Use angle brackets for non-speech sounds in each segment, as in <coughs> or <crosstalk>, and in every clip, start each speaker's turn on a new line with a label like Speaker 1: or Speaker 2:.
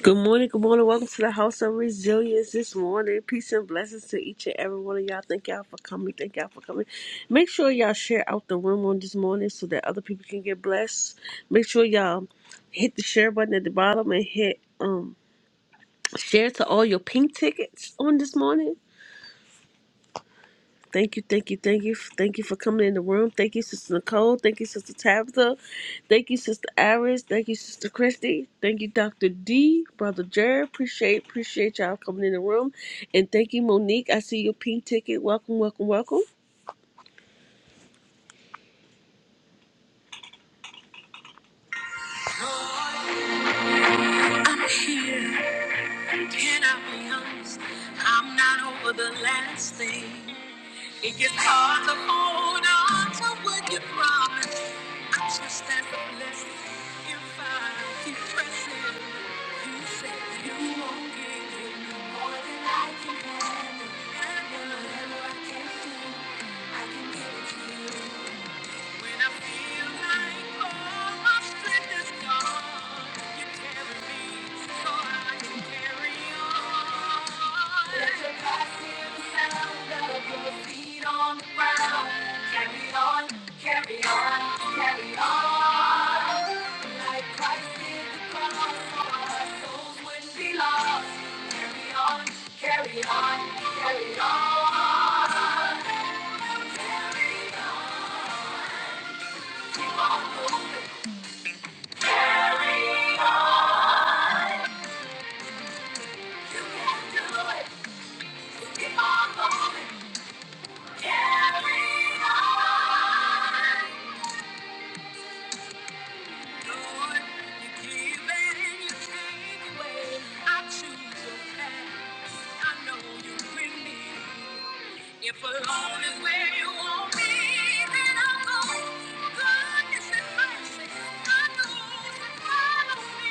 Speaker 1: Good morning, good morning. Welcome to the House of Resilience this morning. Peace and blessings to each and every one of y'all. Thank y'all for coming. Thank y'all for coming. Make sure y'all share out the room on this morning so that other people can get blessed. Make sure y'all hit the share button at the bottom and hit um share to all your pink tickets on this morning. Thank you, thank you, thank you, thank you for coming in the room. Thank you, Sister Nicole. Thank you, Sister Tabitha. Thank you, Sister Iris. Thank you, Sister Christy. Thank you, Doctor D, Brother Jared. Appreciate, appreciate y'all coming in the room, and thank you, Monique. I see your pink ticket. Welcome, welcome, welcome. I'm here. Can I be honest? I'm not over the last thing. It gets hard to hold on to what you promised. I trust that's a blessing. If I keep pressing, you said you won't give me more than I can handle. Handle whatever I can do, I can give it to you. When I feel like all my strength is gone, you carry me so I can carry on. Let your God sound of your feet on the ground. Carry on, carry on, carry on. Like Christ did the cross, so our souls wouldn't be lost. Carry on, carry on, carry on. Keep on moving. Carry on. You can do it. Keep on going. Carry on. If alone is where you want me, then I'll go. Goodness and mercy, God knows that follow me.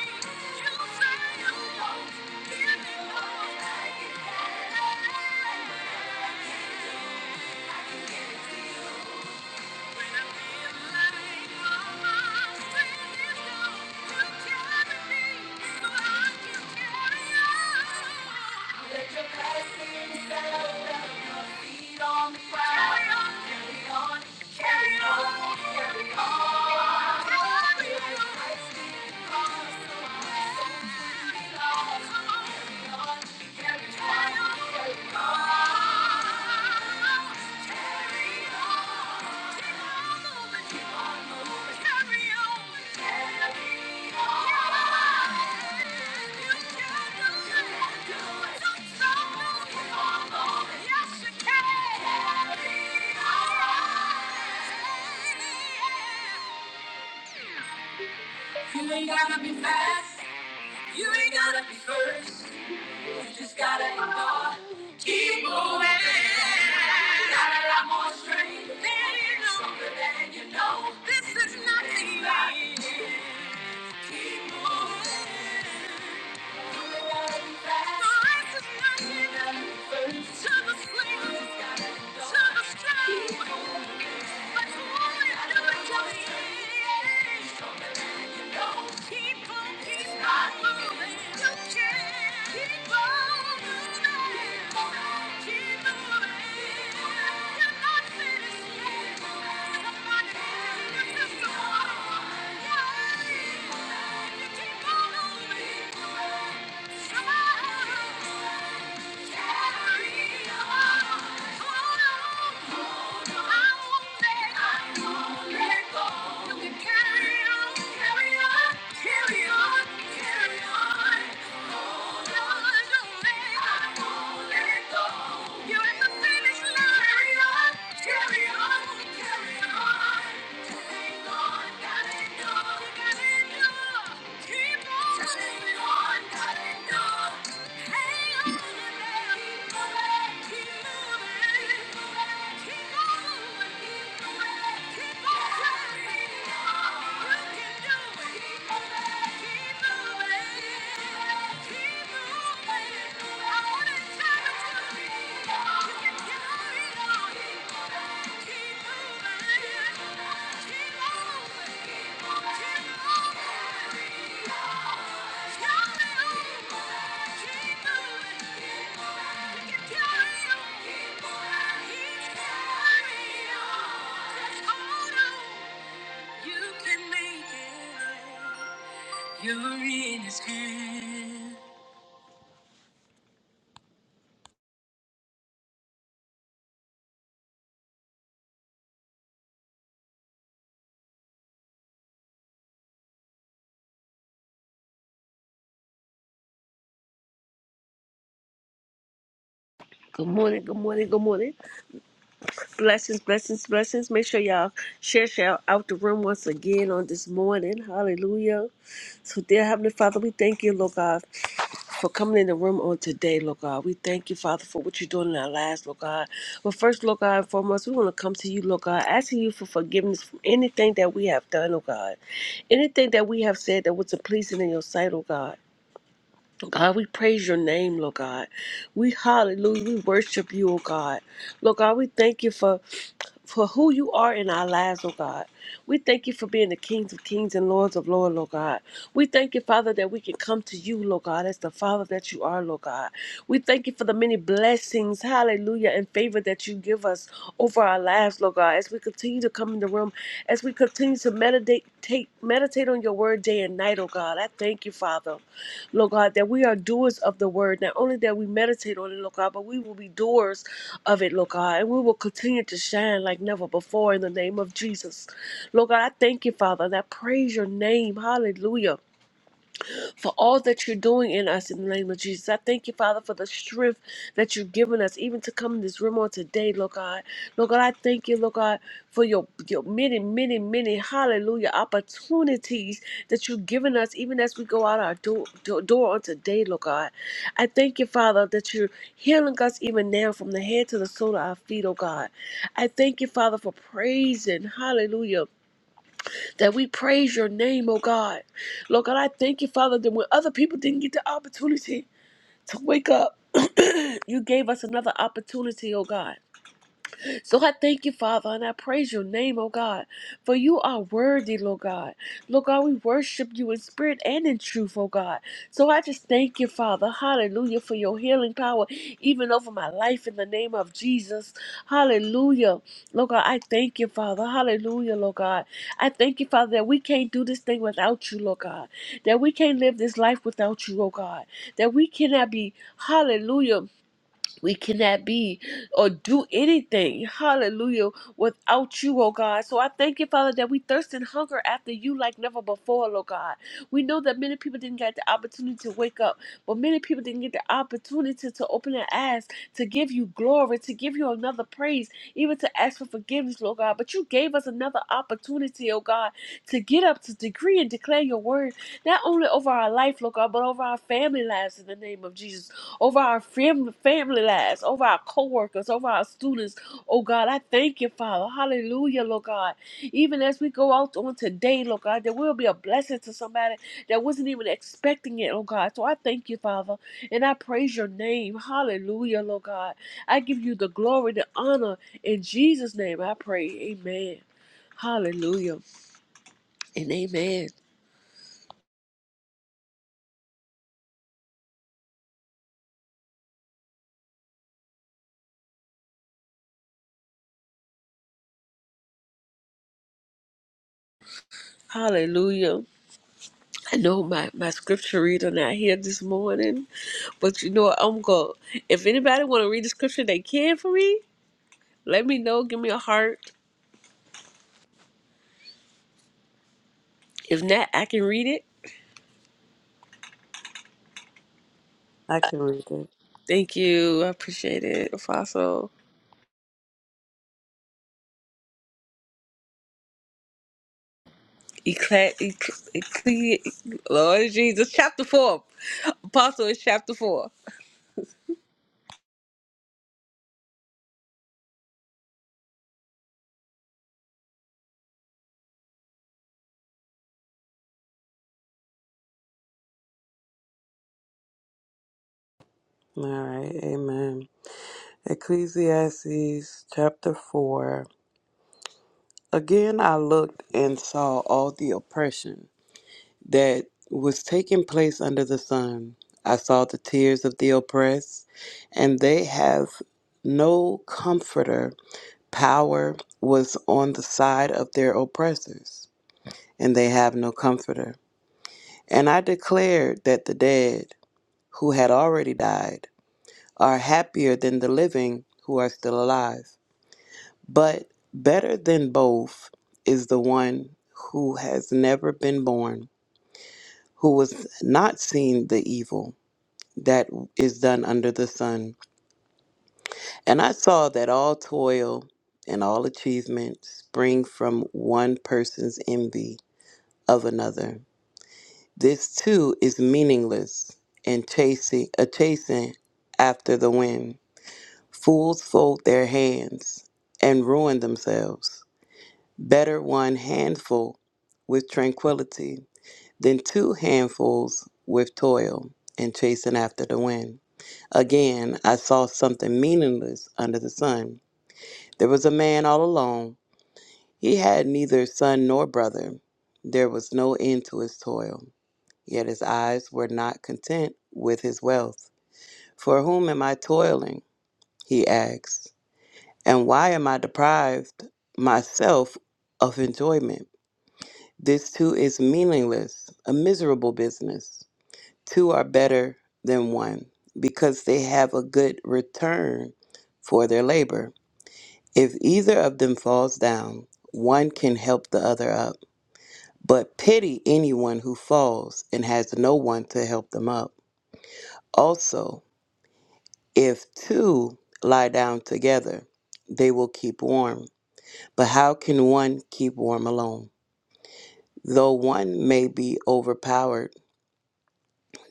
Speaker 1: You say you won't give me more. I can have it. I can give it to you. Let your blessings settle down, your feet on the ground. Carry on, carry on, carry on. Carry on. Carry on. Christ is the cause, so our souls will be lost. Carry on. You ain't gotta be fast, you ain't gotta be first. You just gotta ignore. Keep moving. Gotta lot more strength Stronger than you know. This is not the end. Keep moving. Keep on moving. You're not finished yet. Carry on, carry on. Keep moving. You can make it. You're in his hand. Good morning, good morning, good morning. Blessings, blessings, blessings. Make sure y'all share, share out the room once again on this morning. Hallelujah. So, dear Heavenly Father, we thank you, Lord God, for coming in the room on today, Lord God. We thank you, Father, for what you're doing in our lives, Lord God. But first, Lord God, and foremost, we want to come to you, Lord God, asking you for forgiveness from anything that we have done, oh God. Anything that we have said that wasn't pleasing in your sight, oh God. God, we praise your name, Lord God. We hallelujah. We worship you, oh God. Lord God, we thank you for for who you are in our lives, oh God. We thank you for being the kings of kings and lords of lords, Lord God. We thank you, Father, that we can come to you, Lord God, as the Father that you are, Lord God. We thank you for the many blessings, hallelujah, and favor that you give us over our lives, Lord God, as we continue to come in the room, as we continue to meditate, take, meditate on your word day and night, oh God. I thank you, Father. Lord God, that we are doers of the word, not only that we meditate on it, Lord God, but we will be doers of it, Lord God, and we will continue to shine like never before in the name of Jesus. Lord God, I thank you, Father, and I praise your name. Hallelujah for all that you're doing in us in the name of Jesus. I thank you, Father, for the strength that you've given us, even to come in this room on today, Lord God. Lord God, I thank you, Lord God, for your, your many, many, many, hallelujah, opportunities that you've given us, even as we go out our door, door, door on today, Lord God. I thank you, Father, that you're healing us even now from the head to the sole of our feet, oh God. I thank you, Father, for praising, hallelujah that we praise your name, oh God. Lord God, I thank you, Father, that when other people didn't get the opportunity to wake up, <clears throat> you gave us another opportunity, oh God. So I thank you, Father, and I praise your name, oh God, for you are worthy, Lord God. Lord God, we worship you in spirit and in truth, oh God. So I just thank you, Father, hallelujah, for your healing power, even over my life in the name of Jesus. Hallelujah. Lord God, I thank you, Father. Hallelujah, Lord God. I thank you, Father, that we can't do this thing without you, Lord God. That we can't live this life without you, oh God. That we cannot be, hallelujah we cannot be or do anything, hallelujah, without you, oh God. So I thank you, Father, that we thirst and hunger after you like never before, oh God. We know that many people didn't get the opportunity to wake up, but many people didn't get the opportunity to open their eyes, to give you glory, to give you another praise, even to ask for forgiveness, Lord God. But you gave us another opportunity, oh God, to get up, to decree and declare your word, not only over our life, Lord God, but over our family lives in the name of Jesus, over our fam- family lives, over our co workers, over our students. Oh God, I thank you, Father. Hallelujah, Lord God. Even as we go out on today, Lord God, there will be a blessing to somebody that wasn't even expecting it, Lord God. So I thank you, Father, and I praise your name. Hallelujah, Lord God. I give you the glory, the honor. In Jesus' name I pray. Amen. Hallelujah and amen. Hallelujah. I know my, my scripture reader not here this morning, but you know what? I'm going. If anybody want to read the scripture, they can for me. Let me know. Give me a heart. If not, I can read it.
Speaker 2: I can read it.
Speaker 1: Thank you. I appreciate it, Apostle. Eclat, Ecle- Lord Jesus, chapter four. Apostle is chapter four.
Speaker 2: All right. Amen. Ecclesiastes chapter 4. Again, I looked and saw all the oppression that was taking place under the sun. I saw the tears of the oppressed, and they have no comforter. Power was on the side of their oppressors, and they have no comforter. And I declared that the dead, who had already died, are happier than the living who are still alive. But better than both is the one who has never been born, who has not seen the evil that is done under the sun. And I saw that all toil and all achievement spring from one person's envy of another. This too is meaningless and chasing a chasing after the wind. Fools fold their hands and ruin themselves. Better one handful with tranquility than two handfuls with toil and chasing after the wind. Again, I saw something meaningless under the sun. There was a man all alone. He had neither son nor brother. There was no end to his toil. Yet his eyes were not content with his wealth. For whom am I toiling? He asked. And why am I deprived myself of enjoyment? This too is meaningless, a miserable business. Two are better than one because they have a good return for their labor. If either of them falls down, one can help the other up. But pity anyone who falls and has no one to help them up. Also, if two lie down together, they will keep warm. But how can one keep warm alone? Though one may be overpowered,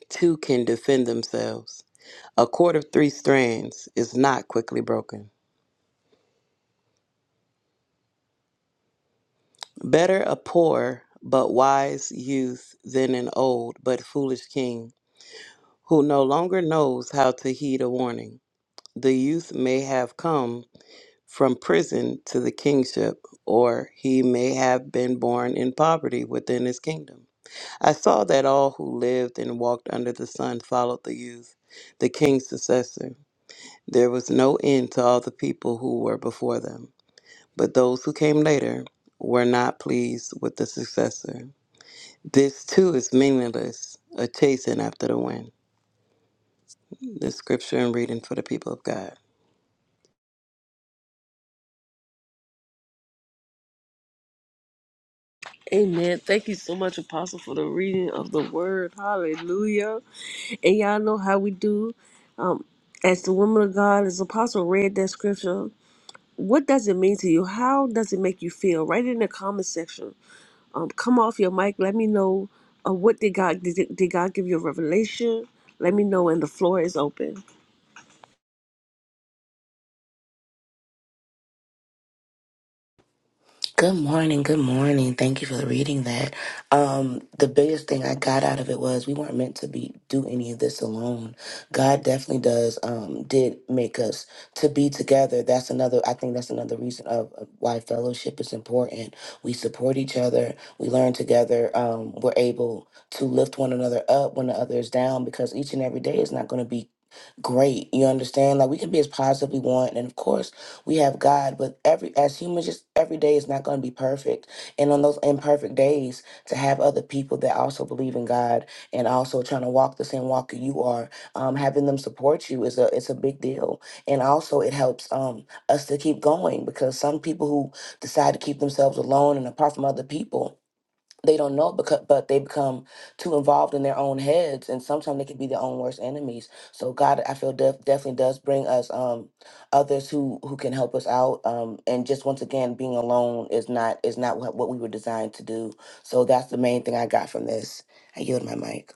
Speaker 2: two can defend themselves. A cord of three strands is not quickly broken. Better a poor but wise youth than an old but foolish king who no longer knows how to heed a warning. The youth may have come from prison to the kingship, or he may have been born in poverty within his kingdom. I saw that all who lived and walked under the sun followed the youth, the king's successor. There was no end to all the people who were before them, but those who came later were not pleased with the successor. This too is meaningless, a chasing after the wind. The scripture and reading for the people of God.
Speaker 1: Amen. Thank you so much, Apostle, for the reading of the word. Hallelujah. And y'all know how we do. Um, as the woman of God, as Apostle read that scripture. what does it mean to you? How does it make you feel? Write it in the comment section. Um, come off your mic. Let me know uh, what did God did, did God give you a revelation? Let me know, and the floor is open.
Speaker 3: Good morning. Good morning. Thank you for reading that. Um, the biggest thing I got out of it was we weren't meant to be do any of this alone. God definitely does um, did make us to be together. That's another. I think that's another reason of of why fellowship is important. We support each other. We learn together. Um, we're able to lift one another up when the other is down because each and every day is not going to be great. You understand? Like we can be as positive we want, and of course we have God, but every as humans, just every day is not going to be perfect. And on those imperfect days, to have other people that also believe in God and also trying to walk the same walk that you are, um, having them support you is a it's a big deal. And also it helps um us to keep going because some people who decide to keep themselves alone and apart from other people they don't know it because but they become too involved in their own heads and sometimes they can be their own worst enemies so god i feel def- definitely does bring us um others who who can help us out um and just once again being alone is not is not what, what we were designed to do so that's the main thing i got from this i yield my mic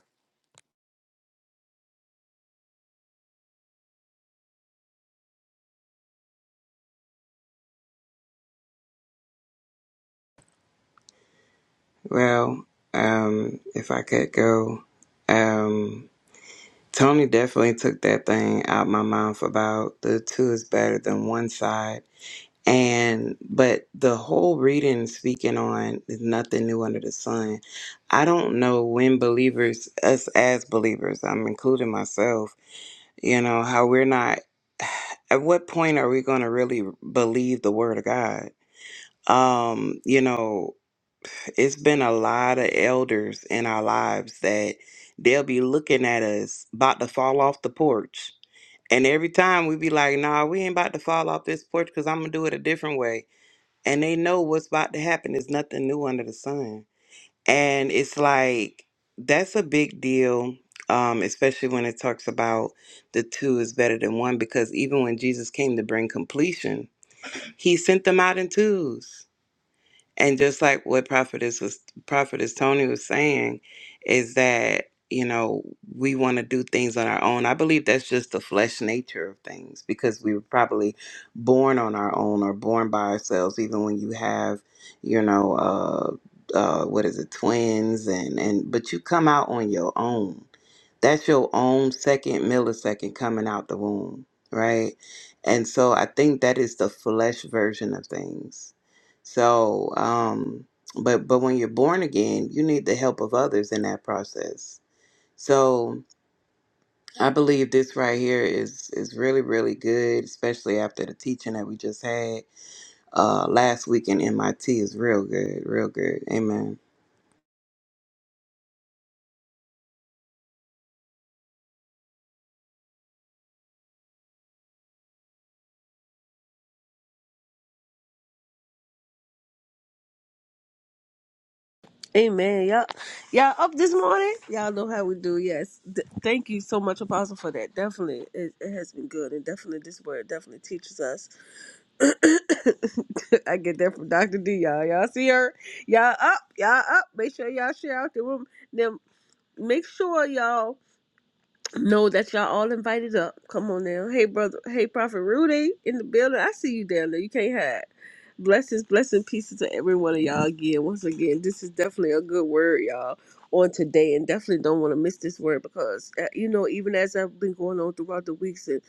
Speaker 2: Well, um, if I could go, um, Tony definitely took that thing out my mouth about the two is better than one side And but the whole reading speaking on is nothing new under the sun. I don't know when believers, us as believers, I'm including myself, you know, how we're not at what point are we gonna really believe the word of God? Um, you know, it's been a lot of elders in our lives that they'll be looking at us about to fall off the porch. And every time we be like, nah, we ain't about to fall off this porch because I'm gonna do it a different way and they know what's about to happen. There's nothing new under the sun. And it's like that's a big deal, um, especially when it talks about the two is better than one, because even when Jesus came to bring completion, he sent them out in twos. And just like what prophetess was prophetess Tony was saying, is that you know we want to do things on our own. I believe that's just the flesh nature of things because we were probably born on our own or born by ourselves. Even when you have, you know, uh, uh, what is it, twins, and and but you come out on your own that's your own second millisecond coming out the womb, right? And so I think that is the flesh version of things. So, um, but but when you're born again, you need the help of others in that process. So I believe this right here is is really really good, especially after the teaching that we just had uh, last week in MIT is real good, real good. Amen.
Speaker 1: Amen. Y'all, y'all up this morning? Y'all know how we do. Yes. D- thank you so much, Apostle, for that. Definitely, it, it has been good, and definitely this word definitely teaches us. <coughs> I get that from Doctor D. Y'all, y'all see her? Y'all up? Y'all up? Make sure y'all share out the room. Then make sure y'all. Know that y'all all invited up. Come on now. Hey, brother. Hey, Prophet Rudy in the building. I see you down there. You can't hide. Blessings, blessing, pieces to every one of y'all again. Once again, this is definitely a good word, y'all, on today. And definitely don't want to miss this word because, uh, you know, even as I've been going on throughout the weeks and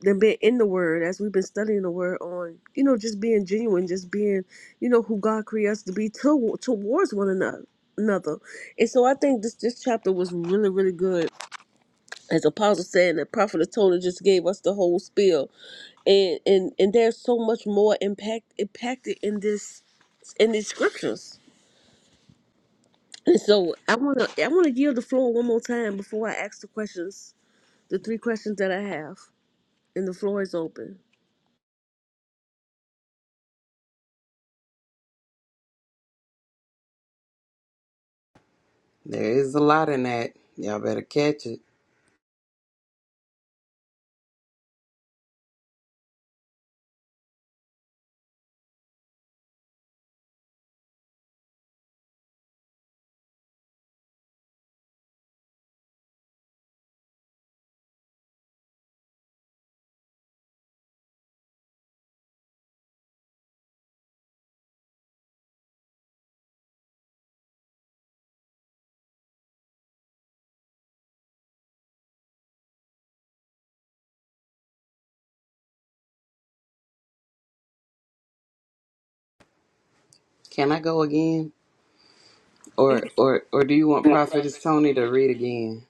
Speaker 1: then been in the word, as we've been studying the word on, you know, just being genuine, just being, you know, who God creates us to be to, towards one another. another. And so I think this, this chapter was really, really good as apostle said and the prophet of Tony just gave us the whole spiel and and and there's so much more impact impacted in this in these scriptures and so i want to i want to yield the floor one more time before i ask the questions the three questions that i have and the floor is open
Speaker 2: There is a lot in that. Y'all better catch it. Can I go again?
Speaker 1: <laughs>
Speaker 2: Or or or do you want Prophetess Tony to read again?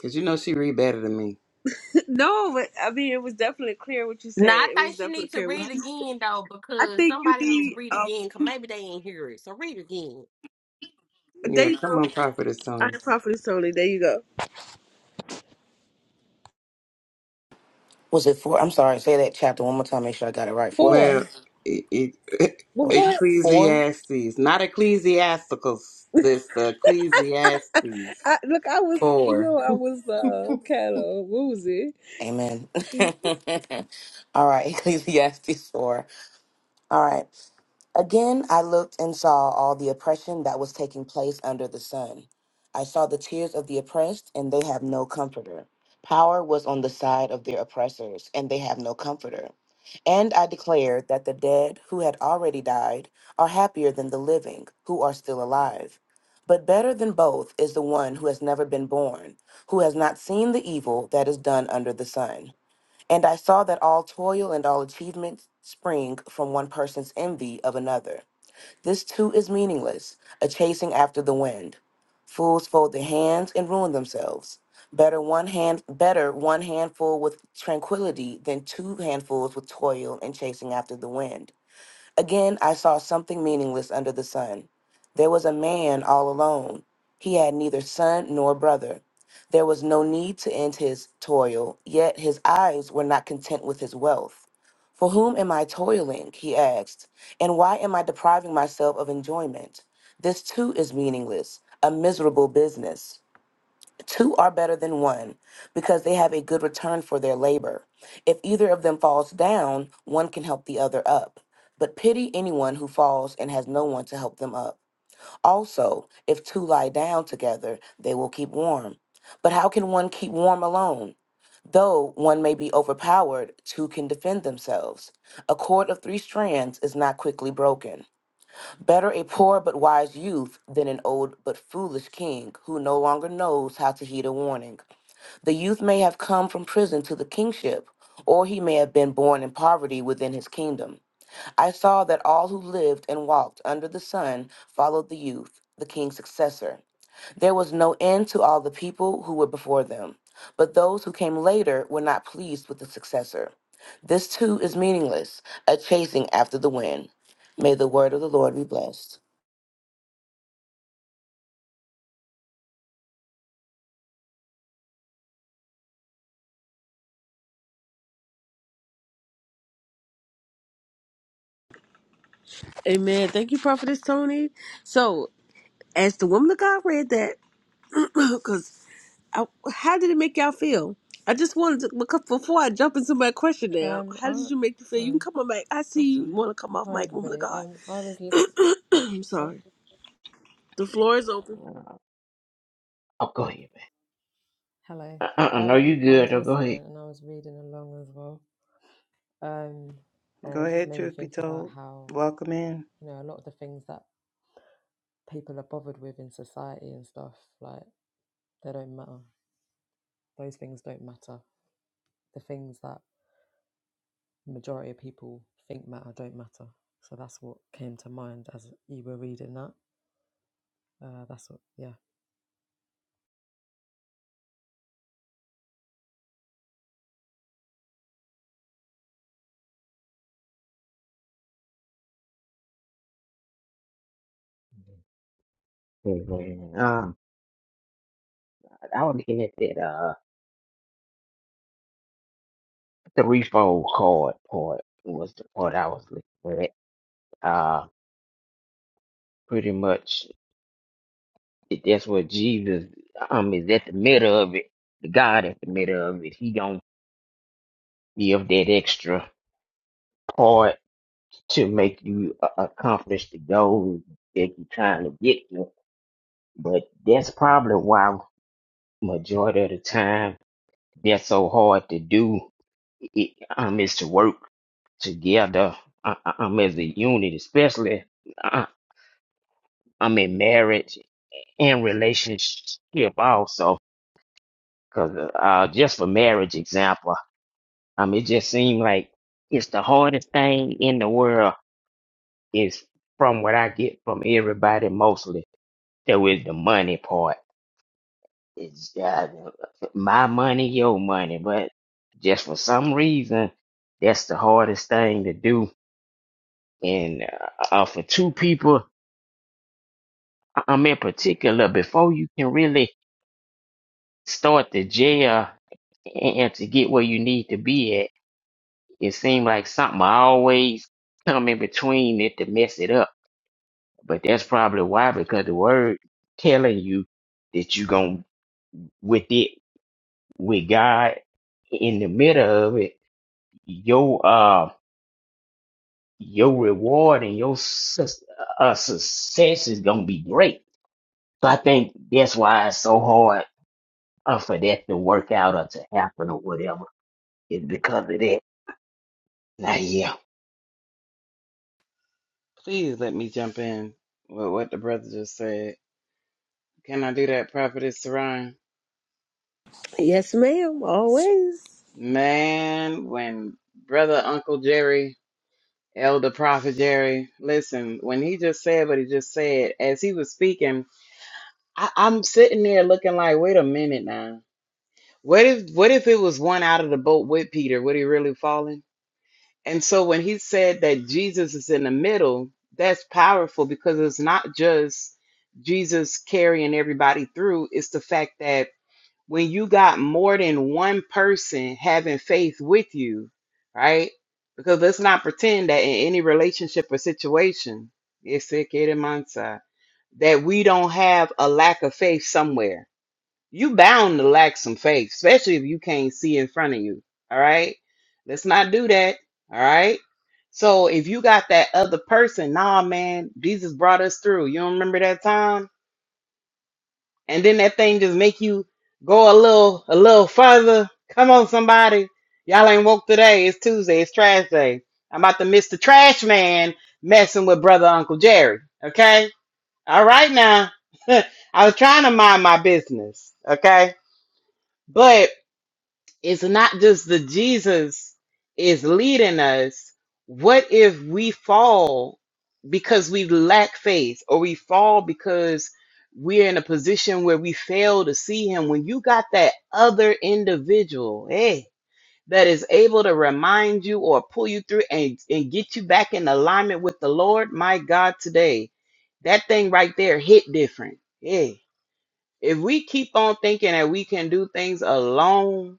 Speaker 2: Cause you know she read better than me.
Speaker 1: No, but I mean, it was definitely clear what you
Speaker 4: Now I
Speaker 1: said. It was
Speaker 4: think she
Speaker 1: definitely
Speaker 4: needs to
Speaker 1: clear. What
Speaker 4: read
Speaker 1: you,
Speaker 4: again though,
Speaker 1: I
Speaker 4: because
Speaker 1: think you
Speaker 4: somebody needs to
Speaker 1: need.
Speaker 4: read
Speaker 1: Um,
Speaker 4: again. Cause maybe they ain't hear it, so read again.
Speaker 1: there
Speaker 2: Yeah,
Speaker 1: you
Speaker 2: come
Speaker 1: go.
Speaker 2: on, Prophetess
Speaker 1: I
Speaker 2: Tony.
Speaker 1: am prophetess Tony. There you go.
Speaker 3: was it four i'm sorry say that chapter one more time make sure i got it right
Speaker 1: four
Speaker 2: Well,
Speaker 3: 14
Speaker 2: it, it,
Speaker 1: well
Speaker 2: <laughs>
Speaker 3: what
Speaker 1: go ahead
Speaker 3: four
Speaker 2: Ecclesiastes, not Ecclesiasticals. This uh, Ecclesiastes
Speaker 1: I, look, I was, you
Speaker 2: four.
Speaker 1: know, I was
Speaker 2: <laughs>
Speaker 1: uh, kind of woozy.
Speaker 3: amen <laughs> all right <laughs> ecclesiastes 4 All right. Again, I looked and saw all the oppression that was taking place under the sun. I saw the tears of the oppressed, and they have no comforter. Power was on the side of their oppressors, and they have no comforter. And I declared that the dead who had already died are happier than the living who are still alive. But better than both is the one who has never been born, who has not seen the evil that is done under the sun. And I saw that all toil and all achievement spring from one person's envy of another. This too is meaningless, a chasing after the wind. Fools fold their hands and ruin themselves. Better one hand better one handful with tranquility than two handfuls with toil and chasing after the wind. Again, I saw something meaningless under the sun. There was a man all alone. He had neither son nor brother. There was no need to end his toil, yet his eyes were not content with his wealth. For whom am I toiling? He asked. And why am I depriving myself of enjoyment? This too is meaningless, a miserable business. Two are better than one because they have a good return for their labor. If either of them falls down, one can help the other up. But pity anyone who falls and has no one to help them up. Also, if two lie down together, they will keep warm. But how can one keep warm alone? Though one may be overpowered, two can defend themselves. A cord of three strands is not quickly broken. Better a poor but wise youth than an old but foolish king who no longer knows how to heed a warning. The youth may have come from prison to the kingship, or he may have been born in poverty within his kingdom. I saw that all who lived and walked under the sun followed the youth, the king's successor. There was no end to all the people who were before them, but those who came later were not pleased with the successor. This too is meaningless, a chasing after the wind. May the word of the Lord be blessed.
Speaker 1: Amen. Thank you, Prophetess Tony. So, as the woman of God read that, <coughs> <clears throat> because how did it make y'all feel? I just wanted to, because before I jump into my question now,
Speaker 5: Um,
Speaker 1: how
Speaker 5: I
Speaker 1: did you make you feel? You can
Speaker 5: sorry,
Speaker 1: come on back. I
Speaker 5: oh
Speaker 1: see you
Speaker 5: sorry.
Speaker 1: want to come off
Speaker 5: Hi
Speaker 1: mic, woman of
Speaker 5: everybody.
Speaker 1: God.
Speaker 5: Um,
Speaker 1: <coughs>
Speaker 5: I was listening.
Speaker 1: <clears throat> I'm
Speaker 5: Oh,
Speaker 1: sorry. The floor is open.
Speaker 6: Oh, go ahead.
Speaker 5: hello.
Speaker 6: man. Uh-uh, no, you
Speaker 5: Um, I was
Speaker 6: good. Oh, go
Speaker 5: listening
Speaker 6: ahead.
Speaker 5: and I was reading along as well. Um, and
Speaker 2: Go
Speaker 5: it just
Speaker 2: ahead,
Speaker 5: made me
Speaker 2: truth be
Speaker 5: think about
Speaker 2: told.
Speaker 5: how
Speaker 2: Welcome in.
Speaker 5: you know a lot of the things that people are bothered with in society and stuff like they don't matter. Those things don't matter. The things that majority of people think matter don't matter. So that's what came to mind as you were reading that. Uh, that's what, yeah.
Speaker 6: Hey, man. Um, I was looking at that uh the refold card part was the part I was looking at. Uh, pretty much it- that's what Jesus um is at the middle of it. The God at the middle of it. He gonna give that extra part to make you uh, accomplish the goal that you're trying to get to. But that's probably why majority of the time. That's so hard to do. It, um, is to work together. I, I- i as a unit, especially. I, I'm in marriage and relationship also. Cause uh, uh, just for marriage example, um, it just seemed like it's the hardest thing in the world. Is from what I get from everybody mostly. There was the money part. It's uh, my money, your money, but just for some reason, that's the hardest thing to do and uh, uh, for two people I'm in particular before you can really start to jail and, and to get where you need to be at it seemed like something always come in between it to mess it up but that's probably why because the word telling you that you gonna with it with god in the middle of it your uh your reward and your sus- uh, success is gonna be great so I think that's why it's so hard or for that to work out or to happen or whatever. It's because of that. Now, yeah.
Speaker 2: Please let me jump in with what the brother just said. Can I do that, Prophetess Saran?
Speaker 1: Yes, ma'am. Always.
Speaker 2: Man, when brother Uncle Jerry Elder Prophet Jerry, listen, when he just said what he just said, as he was speaking, I, I'm sitting there looking like, wait a minute now. What if what if it was one out of the boat with Peter? Would he really fallen? And so when he said that Jesus is in the middle, that's powerful because it's not just Jesus carrying everybody through, it's the fact that when you got more than one person having faith with you, right? Because let's not pretend that in any relationship or situation, it's a it in mindset, that we don't have a lack of faith somewhere. You bound to lack some faith, especially if you can't see in front of you. All right. Let's not do that. All right. So if you got that other person, nah, man, Jesus brought us through. You don't remember that time? and then that thing just make you go a little a little further. Come on, somebody. Y'all ain't woke today. It's Tuesday. It's trash day. I'm about to miss the trash man messing with brother Uncle Jerry. Okay? All right now. <laughs> I was trying to mind my business. Okay? But it's not just the Jesus is leading us. What if we fall because we lack faith or we fall because we're in a position where we fail to see him? When you got that other individual, hey, that is able to remind you or pull you through and, and get you back in alignment with the Lord, my God, today, that thing right there hit different. Hey, if we keep on thinking that we can do things alone,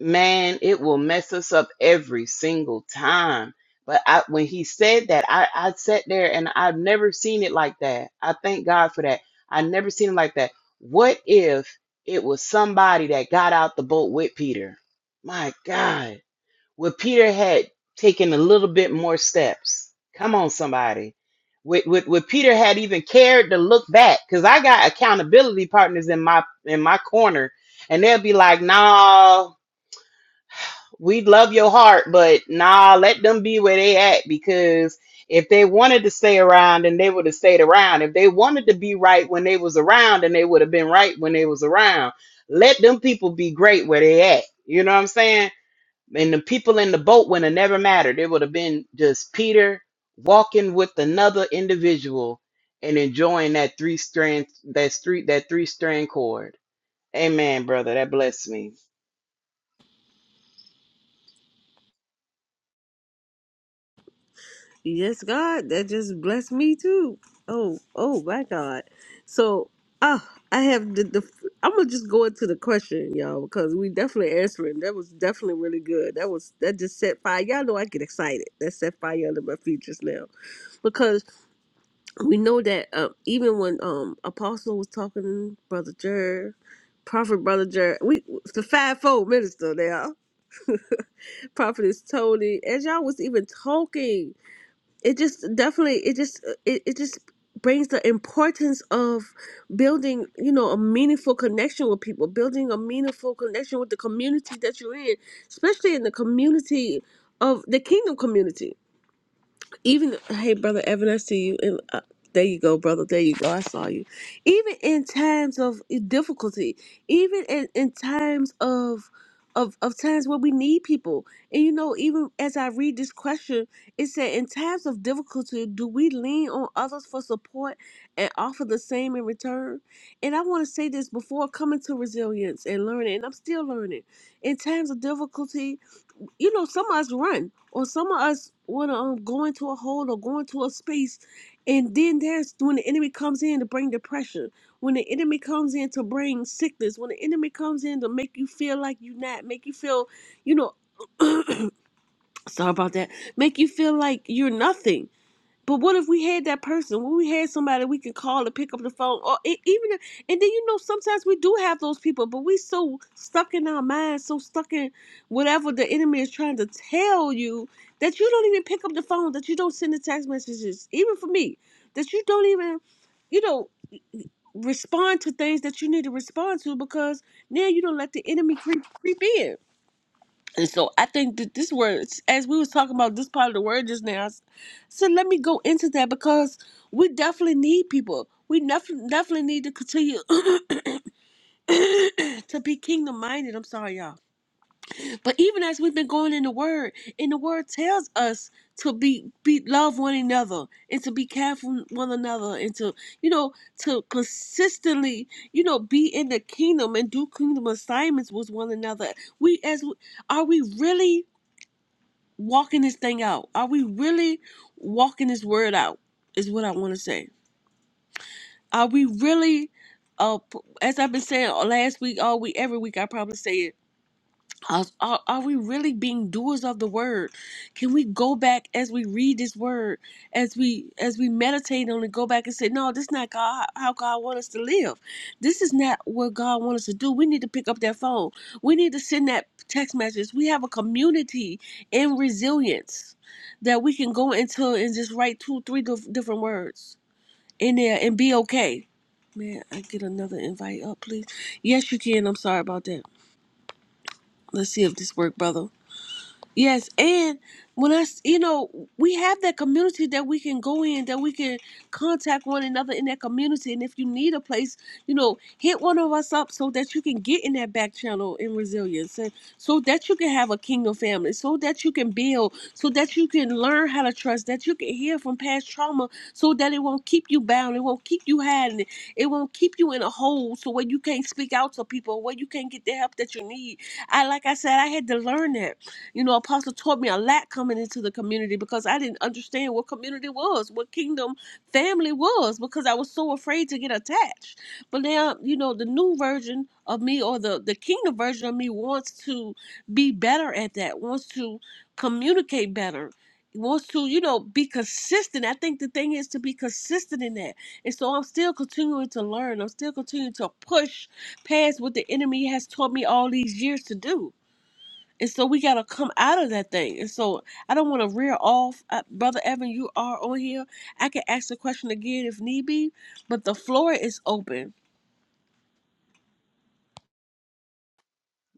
Speaker 2: man, it will mess us up every single time. But I, when he said that, I, I sat there and I've never seen it like that. I thank God for that. i never seen it like that. What if it was somebody that got out the boat with Peter? My God. Would Peter had taken a little bit more steps? Come on, somebody. Would, would, would Peter had even cared to look back? Because I got accountability partners in my in my corner, and they'll be like, "Nah, we love your heart, but nah, let them be where they at because if they wanted to stay around, then they would have stayed around. If they wanted to be right when they was around, then they would have been right when they was around. Let them people be great where they at. You know what I'm saying? And the people in the boat would have never mattered. It would have been just Peter walking with another individual and enjoying that three strand that street that three strand cord. Amen, brother. That blessed me.
Speaker 1: Yes, God, that just blessed me too. Oh, oh my God. So, ah, I have the, the I'm gonna just go into the question, y'all, because we definitely answering. That was definitely really good. That was that just set fire. Y'all know I get excited. That set fire under my features now, because we know that uh, even when um Apostle was talking, Brother Jer, Prophet Brother Jer, we the fivefold minister now. <laughs> Prophetess Tony, as y'all was even talking it just definitely it just uh, it, it just brings the importance of building you know a meaningful connection with people building a meaningful connection with the community that you're in especially in the community of the kingdom community even hey brother evan i see you and uh, there you go brother there you go i saw you even in times of eh, difficulty even in, in times of of, of times where we need people and you know even as i read this question it said in times of difficulty do we lean on others for support and offer the same in return and i want to say this before coming to resilience and learning and i'm still learning in times of difficulty you know, some of us run, or some of us want to um, go into a hole or go into a space, and then there's when the enemy comes in to bring depression, when the enemy comes in to bring sickness, when the enemy comes in to make you feel like you're not, make you feel, you know, <clears throat> sorry about that, make you feel like you're nothing but what if we had that person? What if we had somebody we can call to pick up the phone, or e- even, and then you know sometimes we do have those people, but we so stuck in our minds, so stuck in whatever the enemy is trying to tell you that you don't even pick up the phone, that you don't send the text messages, even for me, that you don't even, you know, respond to things that you need to respond to because now you don't let the enemy creep creep in. And so I think that this word, as we was talking about this part of the word just now, I s- said let me go into that because we definitely need people. We nef- definitely need to continue <coughs> to be kingdom minded. I'm sorry, y'all. But even as we've been going in the word, and the word tells us to be be love one another and to be careful one another and to you know to consistently you know be in the kingdom and do kingdom assignments with one another. We as we, are we really walking this thing out? Are we really walking this word out? Is what I want to say. Are we really, uh, p- as I've been saying all- last week, all week, every week, I probably say it. Us- Are, are we really being doers of the word? Can we go back as we read this word, as we as we meditate on it, go back and say, "No, this is not God. How God wants us to live. This is not what God wants us to do." We need to pick up that phone. We need to send that text message. We have a community in resilience that we can go into and just write two, three dif- different words in there and be okay. Man, I get another invite up, please. Yes, you can. I'm sorry about that. Let's see if this work, brother. Yes, and when I, s- you know, we have that community that we can go in, that we can contact one another in that community. And if you need a place, you know, hit one of us up so that you can get in that back channel in resilience, and so that you can have a kingdom family, so that you can build, so that you can learn how to trust, that you can heal from past trauma, so that it won't keep you bound, it won't keep you hiding, it it won't keep you in a hole, so where you can't speak out to people, where you can't get the help that you need. I, like I said, I had to learn that you know, Apostle taught me a lot coming into the community because I didn't understand what community was, what kingdom family was, because I was so afraid to get attached. But now, you know, the new version of me or the, the kingdom version of me wants to be better at that, wants to communicate better. Wants to, you know, be consistent. I think the thing is to be consistent in that. And so I'm still continuing to learn. I'm still continuing to push past what the enemy has taught me all these years to do. And so we gotta come out of that thing. And so I don't want to rear off, uh, brother Evan. You are on here. I can ask the question again if need be, but the floor is open.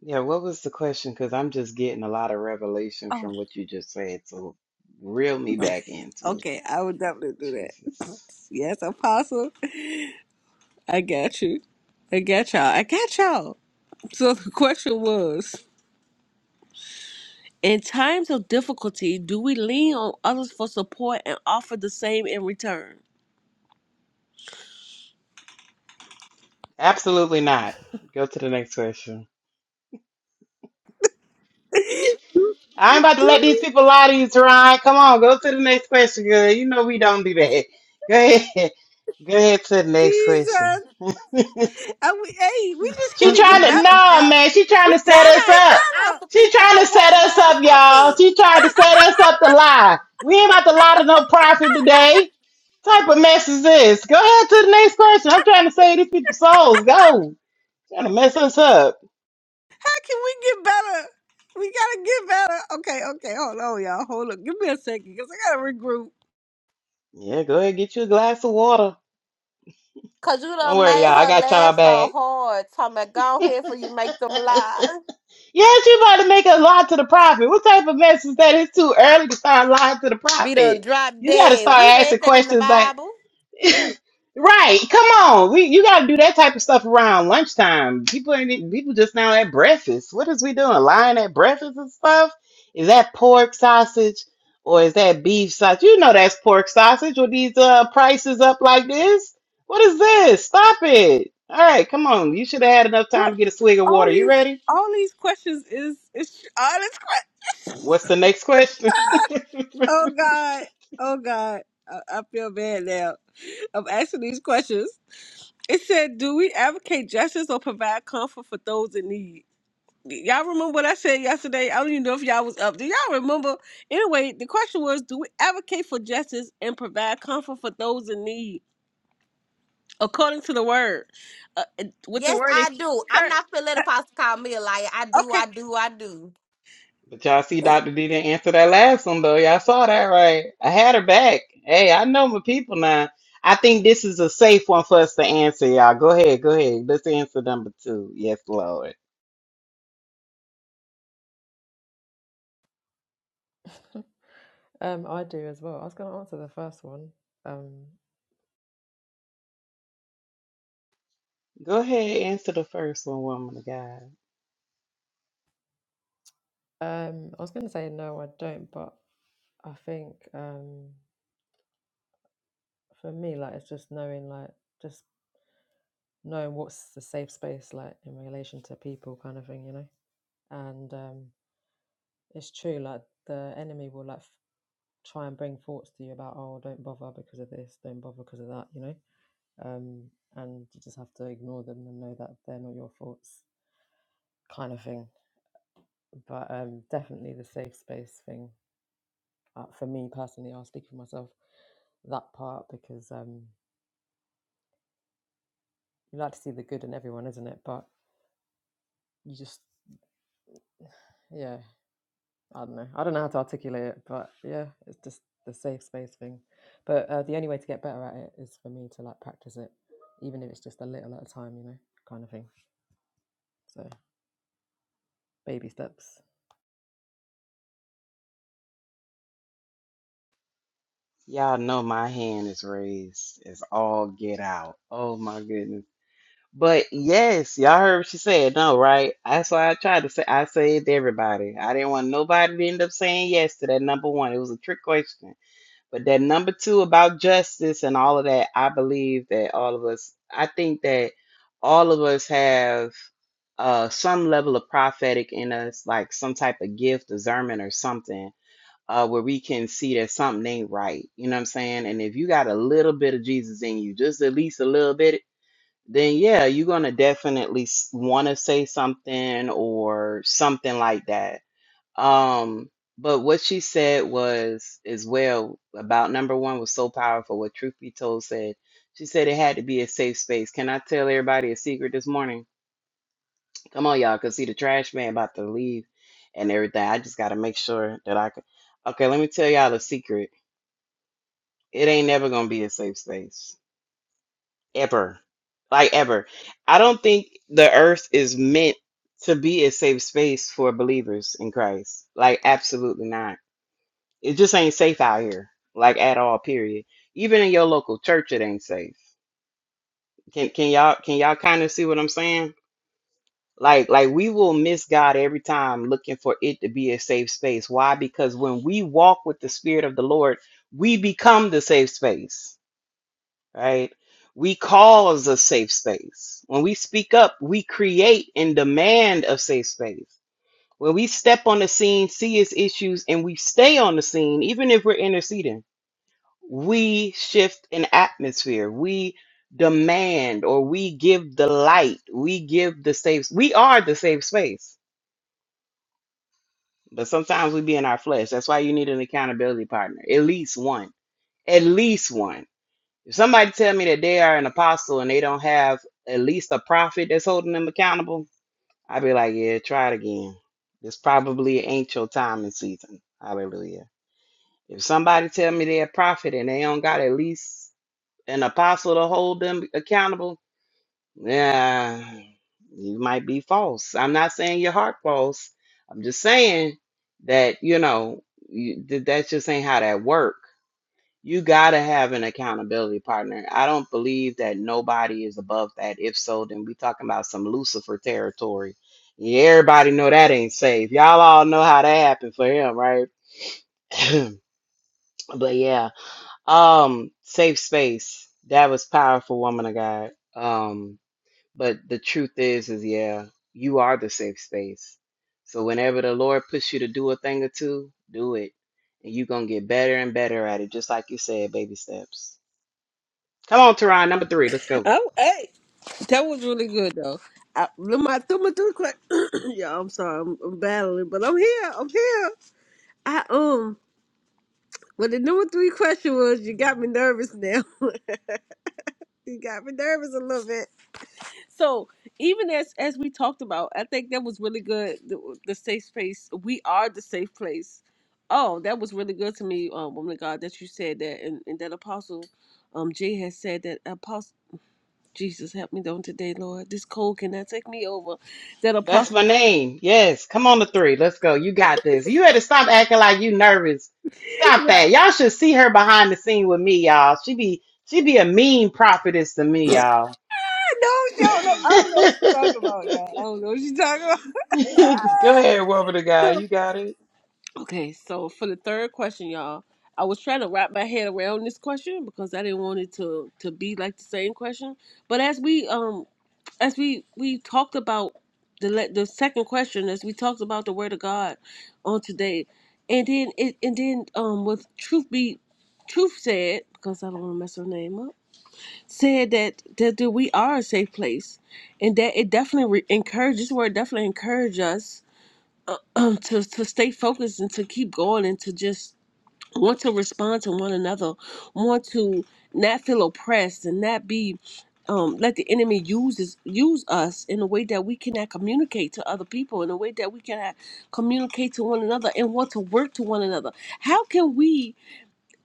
Speaker 2: Yeah, what was the question? Because I'm just getting a lot of revelation
Speaker 1: Oh,
Speaker 2: from what you just said. So reel me back into
Speaker 1: okay. I would definitely do that.
Speaker 2: Jesus.
Speaker 1: <coughs> <laughs> Yes, Apostle. I got you. I got y'all. I got y'all. So the question was, In times of difficulty, do we lean on others for support and offer the same in return?
Speaker 2: Absolutely not. Go to the next question. I'm about to let
Speaker 1: do
Speaker 2: these
Speaker 1: we?
Speaker 2: people lie to you, Teron. Come on, go to the next question, girl. You know we don't do that. Go ahead. <laughs> Go ahead to the next question.
Speaker 1: Jesus. I, we, hey, we just here
Speaker 2: She
Speaker 1: to
Speaker 2: trying
Speaker 1: get
Speaker 2: to
Speaker 1: better
Speaker 2: no
Speaker 1: now.
Speaker 2: man, she trying
Speaker 1: We
Speaker 2: to
Speaker 4: Now,
Speaker 2: set
Speaker 1: trying to
Speaker 2: us
Speaker 4: hey,
Speaker 1: get
Speaker 2: up.
Speaker 4: I
Speaker 1: better.
Speaker 4: offer
Speaker 2: She
Speaker 4: people
Speaker 2: trying to set
Speaker 4: support
Speaker 2: us
Speaker 4: now.
Speaker 2: up,
Speaker 4: Stop
Speaker 2: y'all.
Speaker 4: that.
Speaker 2: She trying to set us up to lie. We ain't about to lie to no prophet today. type of mess is this? Go ahead to the next question. I'm trying to save these people's souls. Go. Trying to mess us up.
Speaker 1: How can we get better? We gotta get better. Okay, okay, hold on, y'all. Hold up. Give me a second, cause I gotta regroup.
Speaker 2: Yeah, go ahead, and get you a glass of water.
Speaker 4: Cause you
Speaker 2: Don't
Speaker 4: done
Speaker 2: worry,
Speaker 4: made
Speaker 2: y'all. I
Speaker 4: her
Speaker 2: got y'all
Speaker 4: laugh so
Speaker 2: back.
Speaker 4: hard. Talking about go ahead for you make them lie.
Speaker 2: Yes, you about to make a lie to the prophet. What type of mess is that? It's too early to start lying to the
Speaker 4: Be
Speaker 2: prophet.
Speaker 4: done drop
Speaker 2: You got to
Speaker 4: dead.
Speaker 2: start
Speaker 4: We
Speaker 2: asking
Speaker 4: read that in the
Speaker 2: questions like,
Speaker 4: Bible.
Speaker 2: Right. Come on. We you gotta do that type of stuff around lunchtime. People ain't eat- people just now at breakfast. What is we doing? Lying at breakfast and stuff? Is that pork sausage or is that beef sausage? You know that's pork sausage with these uh prices up like this. What is this? Stop it. All right, come on. You should have had enough time
Speaker 1: What?
Speaker 2: to get a swig of
Speaker 1: All
Speaker 2: water. You
Speaker 1: these,
Speaker 2: ready?
Speaker 1: all these questions is is all this. Que-
Speaker 2: What's the next question? <laughs>
Speaker 1: oh God, oh God. I, I feel bad now. I'm asking these questions. It said, "Do we advocate justice or provide comfort for those in need?" y'all remember what I said yesterday? I don't even know if y'all was up. Do y'all remember? Anyway, the question was, do we advocate for justice and provide comfort for those in need according to the word? Uh, with the
Speaker 4: Yes,
Speaker 1: word,
Speaker 4: I do. I'm
Speaker 1: encourage.
Speaker 4: not feeling let apostle call me a liar. I do,
Speaker 1: Okay.
Speaker 4: I do, I do.
Speaker 2: But y'all see, Dr. D didn't answer that last one though. Y'all saw that, right? I had her back. Hey, I know my people now. I think this is a safe one for us to answer, y'all. Go ahead, go ahead. Let's answer number two. Yes, Lord.
Speaker 5: <laughs> Um, I do as well. I was going to answer the first one. Um,
Speaker 2: Go ahead, answer the first one, woman of God.
Speaker 5: um, I was going to say no, I don't, but I think um, for me, like it's just knowing, like just knowing what's the safe space, like in relation to people, kind of thing, you know. And um, it's true, like the enemy will like f- try and bring thoughts to you about, oh, don't bother because of this, don't bother because of that, you know. Um, and you just have to ignore them and know that they're not your thoughts, kind of thing. But um, definitely the safe space thing Uh, for me personally, I'll speak for myself that part because um, you like to see the good in everyone, isn't it? But you just, yeah, I don't know. I don't know how to articulate it, but yeah, it's just the safe space thing. But uh, the only way to get better at it is for me to like practice it, even if it's just a little at a time, you know, kind of thing. So baby steps,
Speaker 2: Y'all know my hand is raised. It's all get out. Oh my goodness. But yes, y'all heard what she said. No, right? That's why I tried to say. I said to everybody. I didn't want nobody to end up saying yes to that number one. It was a trick question. But that number two about justice and all of that, I believe that all of us, I think that all of us have uh, some level of prophetic in us, like some type of gift, discernment, or something, uh, where we can see that something ain't right. You know what I'm saying? And if you got a little bit of Jesus in you, just at least a little bit, then yeah, you're going to definitely want to say something or something like that um, but what she said was as well about number one was so powerful. What Truth Be Told said, she said it had to be a safe space. Can I tell everybody a secret this morning? Come on, y'all, cause see the trash man about to leave and everything. I just gotta make sure that I can. Okay, let me tell y'all a secret. It ain't never gonna be a safe space ever, like ever. I don't think the earth is meant to be a safe space for believers in Christ. Like absolutely not It just ain't safe out here, like at all, period. Even in your local church, it ain't safe. Can can y'all can y'all kind of see what I'm saying? Like like we will miss God every time looking for it to be a safe space. Why? Because when we walk with the Spirit of the Lord, we become the safe space, right? We cause a safe space. When we speak up, we create and demand a safe space. When we step on the scene, see its issues, and we stay on the scene, even if we're interceding we shift an atmosphere. We demand or we give the light. We give the safe. We are the safe space, but sometimes we be in our flesh. That's why you need an accountability partner, at least one. At least one. If somebody tell me that they are an apostle and they don't have at least a prophet that's holding them accountable, I'd be like, yeah, try it again. This probably ain't your time and season. Hallelujah. If somebody tell me they're a prophet and they don't got at least an apostle to hold them accountable, yeah, you might be false. I'm not saying your heart false. I'm just saying that you know you, that that just ain't how that work. You gotta have an accountability partner. I don't believe that nobody is above that. If so, then we talking about some Lucifer territory. Yeah, everybody know that ain't safe. Y'all all know how that happened for him, right? <clears throat> but yeah. Um, safe space. That was powerful, woman of God. Um, but the truth is, is yeah, you are the safe space. So whenever the Lord puts you to do a thing or two, do it. And you're gonna get better and better at it, just like you said, baby steps. Come on, Teron, number three, let's go.
Speaker 1: Oh, hey, that was really good though. I, my through my through quick. <clears throat> yeah, I'm sorry, I'm, I'm battling, but I'm here. I'm here. I um. Well, the number three question was, you got me nervous now. <laughs> you got me nervous a little bit. So even as as we talked about, I think that was really good. The, the safe space, we are the safe place. Oh, that was really good to me, um, woman of God, that you said that, and, and that Apostle, um, Jay has said that Apostle Jesus help me on today, Lord. This cold cannot take me over. That
Speaker 2: That's
Speaker 1: Apostle,
Speaker 2: my name. Yes, come on to three. Let's go. You got this. You had to stop acting like you nervous. Stop that. Y'all should see her behind the scene with me, y'all. She be she be a mean prophetess to me, y'all.
Speaker 1: I know she don't know. I don't know what she's talking
Speaker 2: <laughs>
Speaker 1: about, y'all. I don't know what she's talking about.
Speaker 2: Go ahead, woman of
Speaker 1: <laughs>
Speaker 2: God. You got it.
Speaker 1: Okay, so for the third question, y'all, I was trying to wrap my head around this question because I didn't want it to to be like the same question. But as we um as we we talked about the le- the second question, as we talked about the word of God on today, and then it and then um with truth be truth said because I don't want to mess her name up said that that, that we are a safe place, and that it definitely re- encourages. This word definitely encourages us <clears throat> um, to to stay focused and to keep going and to just want to respond to one another, want to not feel oppressed and not be um, let the enemy use us, use us in a way that we cannot communicate to other people, in a way that we cannot communicate to one another and want to work to one another. How can we?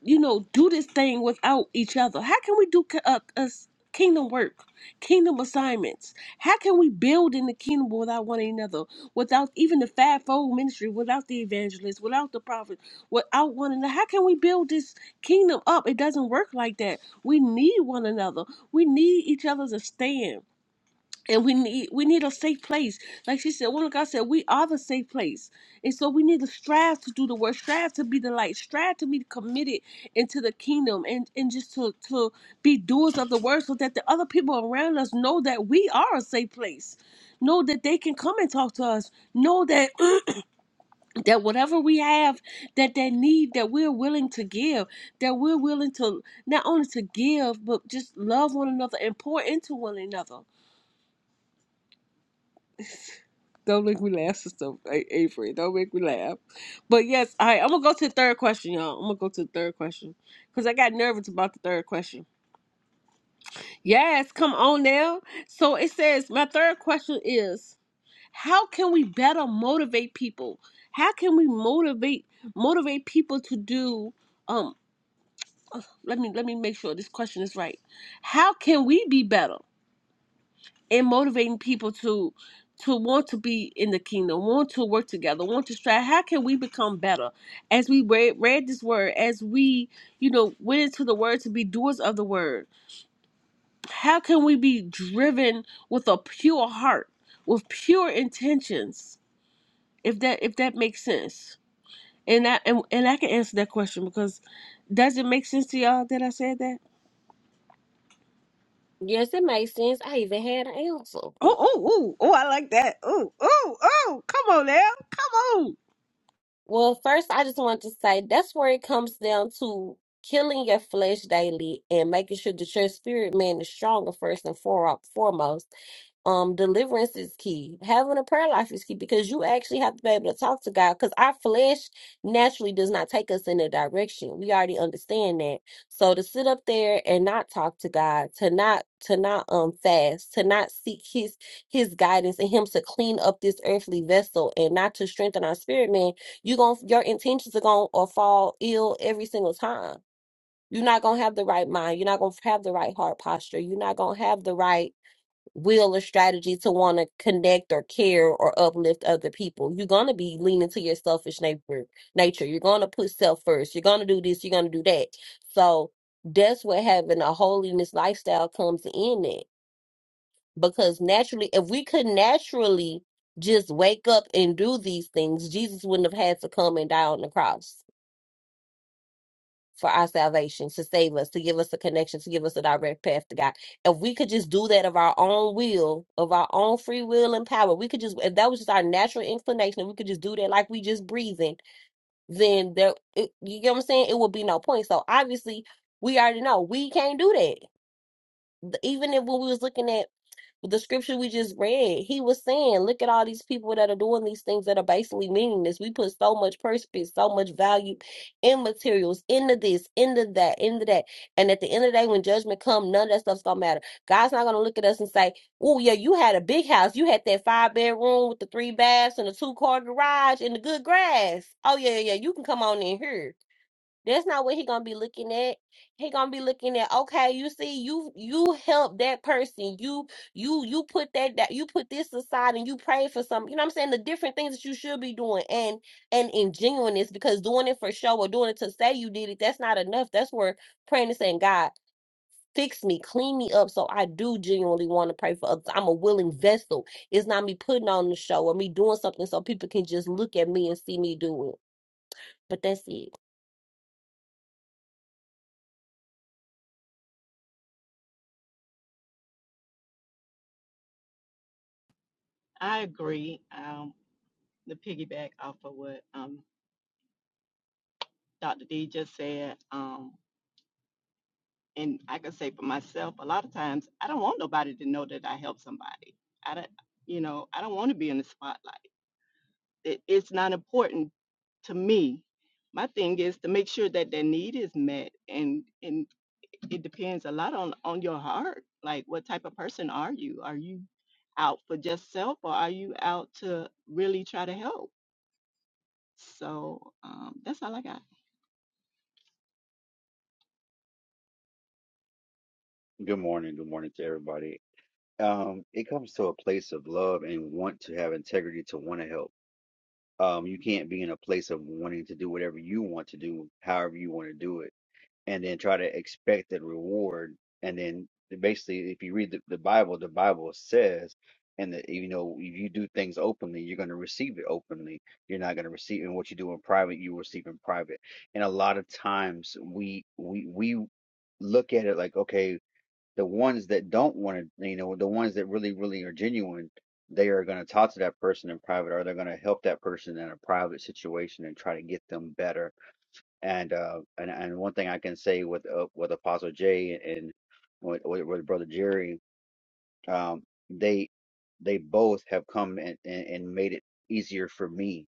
Speaker 1: you know, do this thing without each other? How can we do ki- uh, us kingdom work, kingdom assignments? How can we build in the kingdom without one another, without even the fivefold ministry, without the evangelist, without the prophet, without one another? How can we build this kingdom up? It doesn't work like that. We need one another. We need each other to stand and we need we need a safe place. Like she said, woman of God said, we are the safe place. And so we need to strive to do the work, strive to be the light, strive to be committed into the kingdom and, and just to, to be doers of the word so that the other people around us know that we are a safe place. Know that they can come and talk to us. Know that <clears throat> that whatever we have, that that need that we're willing to give, that we're willing to not only to give, but just love one another and pour into one another Don't make me laugh, Sister Avery. Don't make me laugh. But yes, all right, I'm gonna go to the third question, y'all. I'm gonna go to the third question because I got nervous about the third question. Yes, come on now. So it says my third question is how can we better motivate people? How can we motivate motivate people to do um? Let me let me make sure this question is right. How can we be better? and motivating people to to want to be in the kingdom, want to work together, want to strive. How can we become better? As we read, read this word, as we, you know, went into the word to be doers of the word, how can we be driven with a pure heart, with pure intentions? If that if that makes sense. And I and, and I can answer that question because does it make sense to y'all that I said that?
Speaker 4: Yes, it makes sense. I even had an answer.
Speaker 1: Oh, oh, oh, oh, I like that. Oh, oh, oh, come on now. Come on.
Speaker 4: Well, first, I just want to say that's where it comes down to killing your flesh daily and making sure that your spirit man is stronger first and fore- foremost. Um, deliverance is key. Having a prayer life is key because you actually have to be able to talk to God because our flesh naturally does not take us in a direction. We already understand that. So to sit up there and not talk to God, to not to not um fast, to not seek his his guidance and him to clean up this earthly vessel and not to strengthen our spirit man you going your intentions are going to fall ill every single time. You're not going to have the right mind. You're not going to have the right heart posture. You're not going to have the right will or strategy to want to connect or care or uplift other people. You're going to be leaning to your selfish nature. Nature. You're going to put self first. You're going to do this. You're going to do that. So that's what having a holiness lifestyle comes in it. Because naturally, if we could naturally just wake up and do these things, Jesus wouldn't have had to come and die on the cross for our salvation, to save us, to give us a connection, to give us a direct path to God. If we could just do that of our own will, of our own free will and power, we could just, if that was just our natural inclination, if we could just do that like we just breathing, then there, it, you get what I'm saying? It would be no point. So obviously, we already know we can't do that. Even if when we was looking at with the scripture we just read, he was saying, look at all these people that are doing these things that are basically meaningless. We put so much purpose, so much value in materials, into this, into that, into that. And at the end of the day, when judgment comes, none of that stuff's gonna matter. God's not gonna look at us and say, Oh yeah, you had a big house. You had that five bedroom with the three baths and a two car garage and the good grass. Oh yeah, yeah, yeah, you can come on in here. That's not what he gonna be looking at. He gonna be looking at, okay, you see, you you help that person. You you you put that that you put this aside and you pray for some, you know what I'm saying? The different things that you should be doing and and in genuineness, because doing it for show or doing it to say you did it, that's not enough. That's where praying and saying, God, fix me, clean me up. So I do genuinely want to pray for others. I'm a willing vessel. It's not me putting on the show or me doing something so people can just look at me and see me do it. But that's it.
Speaker 7: I agree. Um, to piggyback off of what um, Dr. D just said, um, and I can say for myself, a lot of times I don't want nobody to know that I help somebody. I don't, you know, I don't want to be in the spotlight. It, it's not important to me. My thing is to make sure that their need is met, and and it depends a lot on on your heart. Like, what type of person are you? Are you out for just self, or are you out to really try to help? So um, that's all I got.
Speaker 8: Good morning. Good morning to everybody. Um, it comes to a place of love and want to have integrity to want to help. Um, you can't be in a place of wanting to do whatever you want to do, however you want to do it, and then try to expect the reward. And then basically, if you read the, the Bible, the Bible says, and that you know, if you do things openly, you're going to receive it openly. You're not going to receive, and what you do in private, you will receive in private. And a lot of times, we we we look at it like, okay the ones that don't want to, you know, the ones that really, really are genuine, they are going to talk to that person in private, or they're going to help that person in a private situation and try to get them better. And uh, and and one thing I can say with uh, with Apostle Jay and with, with, with Brother Jerry, um, they they both have come and, and, and made it easier for me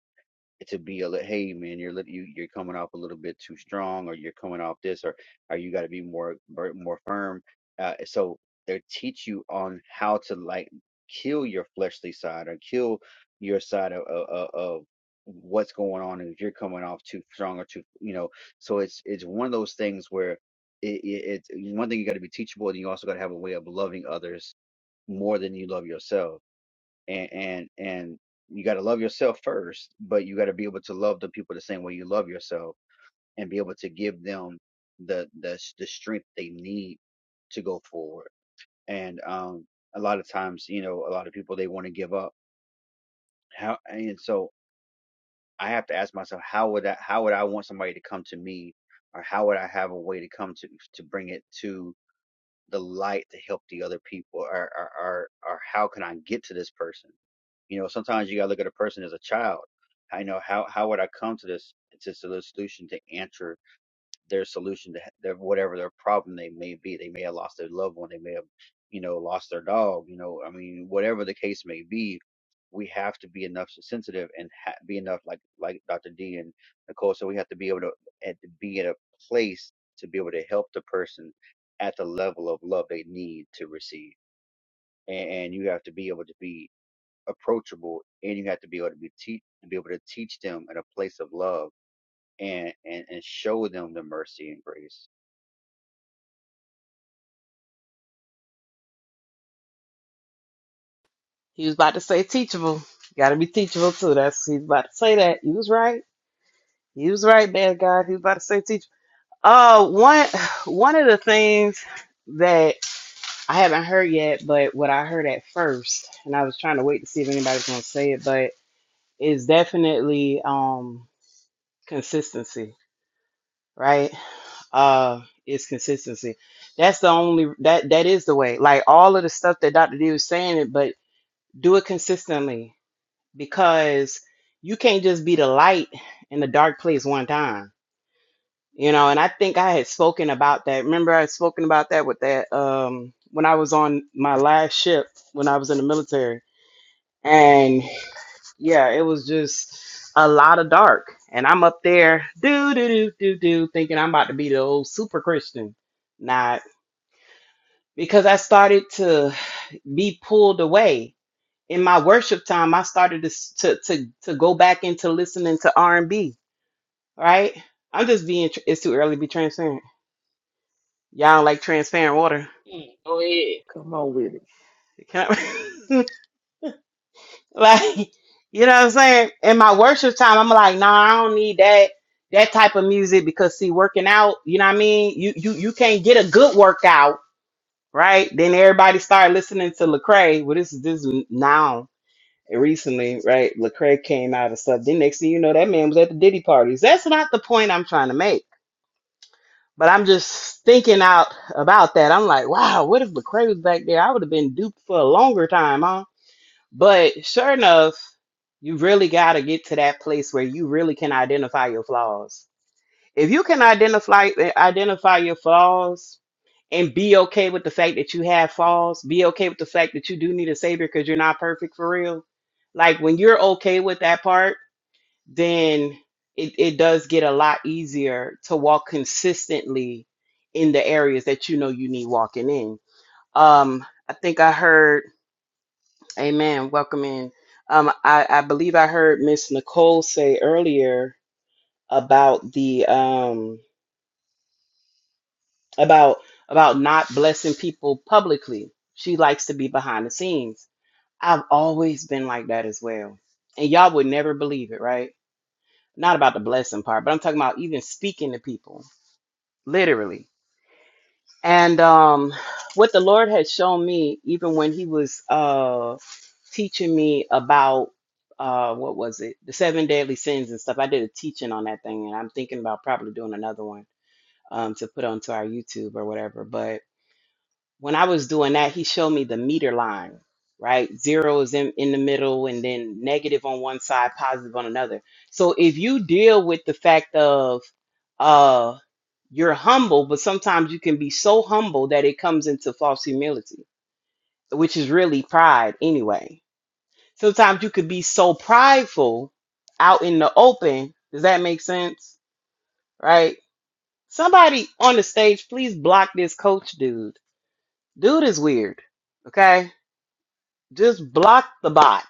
Speaker 8: to be a li- hey man you're lit- you you're coming off a little bit too strong or you're coming off this or or you got to be more more more firm uh so they teach you on how to like kill your fleshly side or kill your side of of, of of what's going on if you're coming off too strong or too you know so it's it's one of those things where it, it, it's one thing you got to be teachable and you also got to have a way of loving others more than you love yourself and and and you got to love yourself first but you got to be able to love the people the same way you love yourself and be able to give them the the the strength they need to go forward and um a lot of times you know a lot of people they want to give up how and so i have to ask myself how would i how would i want somebody to come to me or how would i have a way to come to to bring it to the light to help the other people or or or, or how can i get to this person You know, sometimes you gotta look at a person as a child. I know how how would I come to this to the solution to answer their solution to their whatever their problem they may be. They may have lost their loved one. They may have, you know, lost their dog. You know, I mean, whatever the case may be, we have to be enough sensitive and ha- be enough like like Dr. D and Nicole. So we have to be able to at, to be in a place to be able to help the person at the level of love they need to receive. And, and you have to be able to be approachable and you have to be able to be teach and be able to teach them in a place of love and, and and show them the mercy and grace
Speaker 2: He was about to say teachable. You Got to be teachable too. That's he's about to say that. He was right. He was right, man. God, he was about to say teachable. Uh, one one of the things that I haven't heard yet, but what I heard at first, and I was trying to wait to see if anybody's gonna say it, but is definitely um consistency right? Uh, it's consistency. That's the only that that is the way. Like all of the stuff that Dr. D was saying, it but do it consistently because you can't just be the light in the dark place one time. You know, and I think I had spoken about that. Remember, I had spoken about that with that um when I was on my last ship when I was in the military. and yeah, it was just a lot of dark. And I'm up there, do do do do do, thinking I'm about to be the old super Christian. Not because I started to be pulled away in my worship time. I started to s- to to, to go back into listening to R and B. Right? I'm just being. tr- It's too early to be transparent. Y'all don't like transparent water.
Speaker 6: Mm, go
Speaker 9: Come on with it.
Speaker 2: Can I? <laughs> Like, <laughs> you know what I'm saying? In my worship time, I'm like, nah, I don't need that that type of music because see, working out, you know what I mean? You you you can't get a good workout, right? Then everybody started listening to Lecrae. Well, this is this is now recently, right? Lecrae came out of stuff. Then next thing you know, that man was at the Diddy parties. That's not the point I'm trying to make. But I'm just thinking out about that. I'm like, wow, what if Lecrae was back there? I would have been duped for a longer time, huh? But sure enough, you really got to get to that place where you really can identify your flaws. If you can identify identify your flaws and be okay with the fact that you have flaws, be okay with the fact that you do need a savior because you're not perfect for real. Like when you're okay with that part, then it, it does get a lot easier to walk consistently in the areas that you know you need walking in. Um, I think I heard Amen. Welcome in. Um, I, I believe I heard Miss Nicole say earlier about the um about about not blessing people publicly. She likes to be behind the scenes. I've always been like that as well. And y'all would never believe it, right? Not about the blessing part, but I'm talking about even speaking to people, literally. And um, what the Lord had shown me, even when He was uh, teaching me about uh, what was it, the seven deadly sins and stuff, I did a teaching on that thing, and I'm thinking about probably doing another one um, to put onto our YouTube or whatever. But when I was doing that, he showed me the meter line, right? Zero is in, in the middle and then negative on one side, positive on another. So if you deal with the fact of uh you're humble, but sometimes you can be so humble that it comes into false humility, which is really pride anyway. Sometimes you could be so prideful out in the open. Does that make sense? Right? Somebody on the stage, please block this coach dude. Dude is weird. Okay? Just block the bot.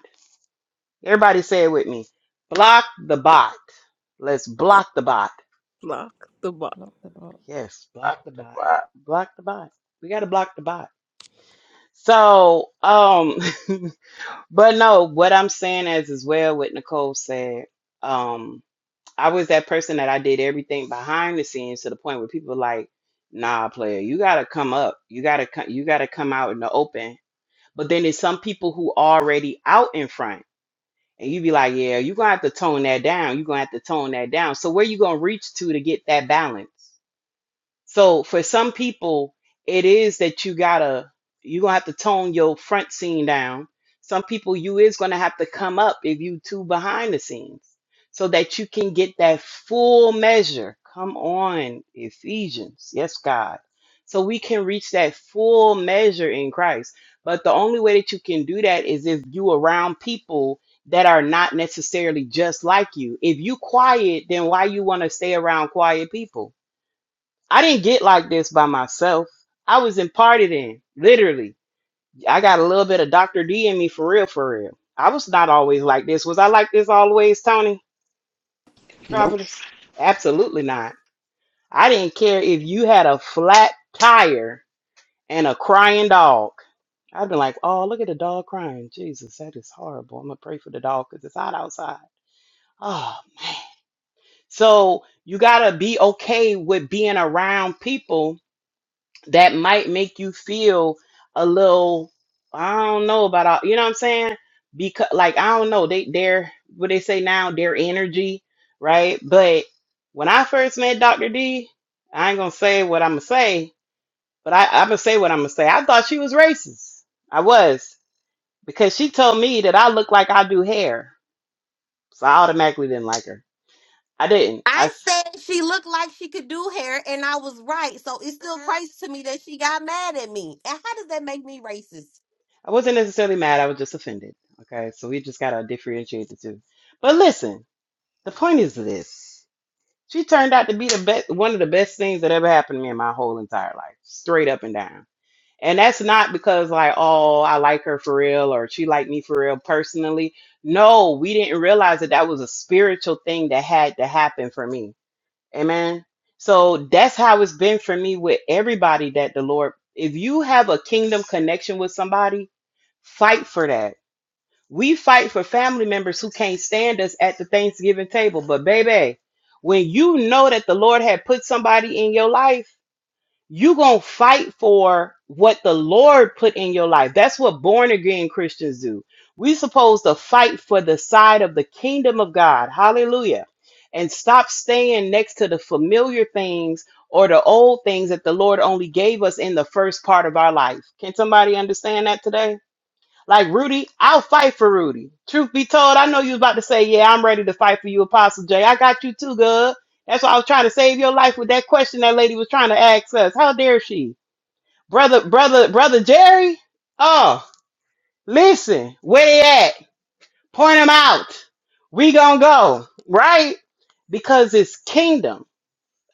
Speaker 2: Everybody say it with me. Block the bot. Let's block the bot.
Speaker 1: Block the box.
Speaker 5: block the bot.
Speaker 2: Yes, block the bot.
Speaker 6: ahead.
Speaker 2: Block the bot. We got to block the bot. So, um <laughs> but no, what I'm saying is as well what Nicole said, um I was that person that I did everything behind the scenes to the point where people were like, "Nah, player, you got to come up. You got to come you got to come out in the open." But then there's some people who already out in front And you be like, yeah, you're gonna have to tone that down. You're gonna have to tone that down. So where you gonna reach to to get that balance? So for some people, it is that you gotta you gonna have to tone your front scene down. Some people you is gonna have to come up if you too behind the scenes so that you can get that full measure. Come on, Ephesians. Yes, God. So we can reach that full measure in Christ. But the only way that you can do that is if you around people that are not necessarily just like you. If you quiet, then why you want to stay around quiet people? I didn't get like this by myself. I was imparted in, literally. I got a little bit of Dr. D in me for real, for real. I was not always like this. Was I like this always, Tony? Providence? Absolutely not. I didn't care if you had a flat tire and a crying dog. I've been like, oh, look at the dog crying. Jesus, that is horrible. I'm going to pray for the dog because it's hot outside. Oh. So you got to be okay with being around people that might make you feel a little I don't know about all you know what I'm saying? Because like I don't know, they they're what they say now, their energy, right? But when I first met Dr. D, I ain't gonna say what I'm gonna say, but I, I'm gonna say what I'm gonna say. I thought she was racist. I was because she told me that I look like I do hair. So I automatically didn't like her. I didn't. I,
Speaker 4: I
Speaker 2: s-
Speaker 4: said she looked like she could do hair, and I was right. So it's still crazy to me that she got mad at me. And how does that make me racist?
Speaker 2: I wasn't necessarily mad, I was just offended. Okay, so we just gotta differentiate the two. But listen. The point is this. She turned out to be the best one of the best things that ever happened to me in my whole entire life. Straight up and down. And that's not because like, oh, I like her for real or she liked me for real personally. No, we didn't realize that that was a spiritual thing that had to happen for me. Amen. So that's how it's been for me with everybody that the Lord if you have a kingdom connection with somebody, fight for that we fight for family members who can't stand us at the Thanksgiving table. But baby, when you know that the Lord had put somebody in your life, you going to fight for what the Lord put in your life. That's what born again Christians do. We supposed to fight for the side of the kingdom of God. Hallelujah. And stop staying next to the familiar things or the old things that the Lord only gave us in the first part of our life. Can somebody understand that today? Like Rudy, I'll fight for Rudy. Truth be told, I know you was about to say, "Yeah, I'm ready to fight for you, Apostle Jay. I got you too, good." That's why I was trying to save your life with that question that lady was trying to ask us. How dare she, brother, brother, brother Jerry? Oh, listen, where they at? Point them out. We gonna go right because it's kingdom.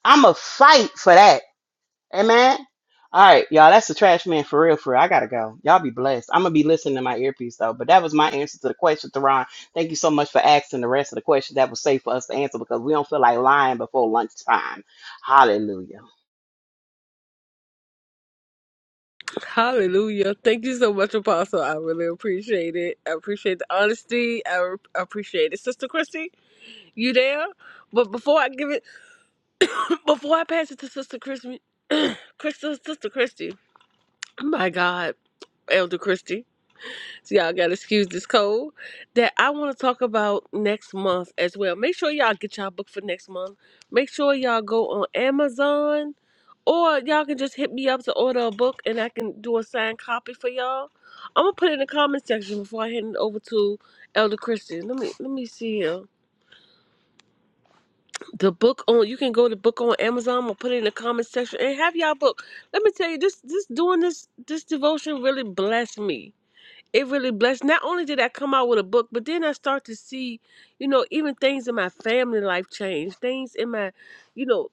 Speaker 2: I'm a fight for that. Amen. All right, y'all. That's the trash man for real. For real. I gotta go. Y'all be blessed. I'm gonna be listening to my earpiece though. But that was my answer to the question, Theron. Thank you so much for asking the rest of the question that was safe for us to answer because we don't feel like lying before lunchtime. Hallelujah.
Speaker 1: Hallelujah. Thank you so much, Apostle. I really appreciate it. I appreciate the honesty. I re- appreciate it. Sister Christy, you there? But before I give it, <clears throat> before I pass it to Sister Christy, <clears throat> Christy Sister Christy, my God, Elder Christy. So y'all gotta excuse this cold that I want to talk about next month as well. Make sure y'all get y'all book for next month. Make sure y'all go on Amazon, or y'all can just hit me up to order a book and I can do a signed copy for y'all. I'm gonna put it in the comment section before I hand it over to Elder Christian. Let me let me see here. The book on you can go to book on Amazon. I'm gonna put it in the comment section and have y'all book. Let me tell you this this doing this this devotion really blessed me it really blessed. Not only did I come out with a book, but then I start to see, you know, even things in my family life change. Things in my, you know,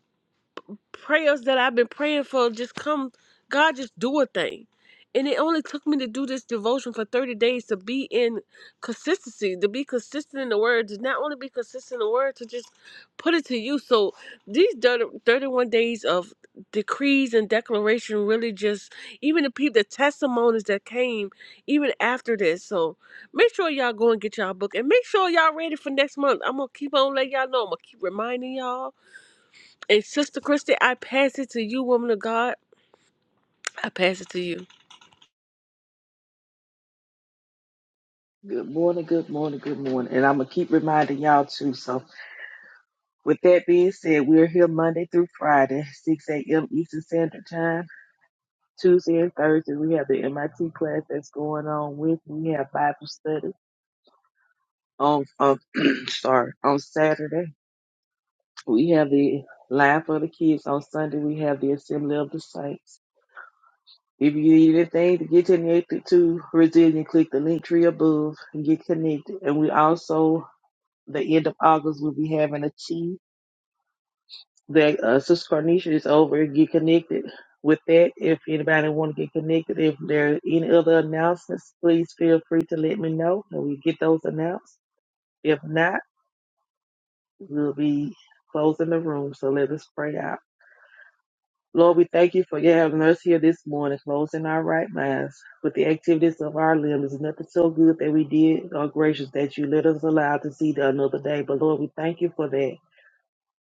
Speaker 1: prayers that I've been praying for just come. God just do a thing. And it only took me to do this devotion for 30 days to be in consistency, to be consistent in the word, to not only be consistent in the word, to just put it to you. So these 30, 31 days of decrees and declaration really just, even the people, the testimonies that came even after this. So make sure y'all go and get y'all book and make sure y'all ready for next month. I'm going to keep on letting y'all know. I'm going to keep reminding y'all. And Sister Christy, I pass it to you, woman of God. I pass it to you.
Speaker 9: Good morning, good morning, good morning. And I'm going to keep reminding y'all too. So, with that being said, we're here Monday through Friday, 6 a.m. Eastern Standard Time. Tuesday and Thursday, we have the MIT class that's going on with. We have Bible study on, on <clears throat> sorry, on Saturday. We have the live for the kids. On Sunday, we have the Assembly of the Saints. If you need anything to get connected to Resilient, click the link tree above and get connected. And we also the end of August, we'll be having a tea. The uh, Sister Carnation is over. Get connected with that. If anybody want to get connected, if there are any other announcements, please feel free to let me know and we get those announced. If not, we'll be closing the room. So let us pray out. Lord, we thank you for you having us here this morning, closing our right minds with the activities of our limbs. There's Nothing so good that we did, or gracious that you let us allow to see the another day. But Lord, we thank you for that.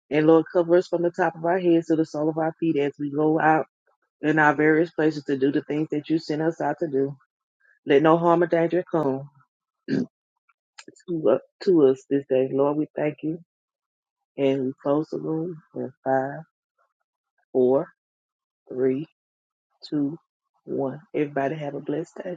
Speaker 9: And Lord, cover us from the top of our heads to the sole of our feet as we go out in our various places to do the things that you sent us out to do. Let no harm or danger come to, uh, to us this day. Lord, we thank you. And we close the room in five, four, three, two, one. Everybody have a blessed day.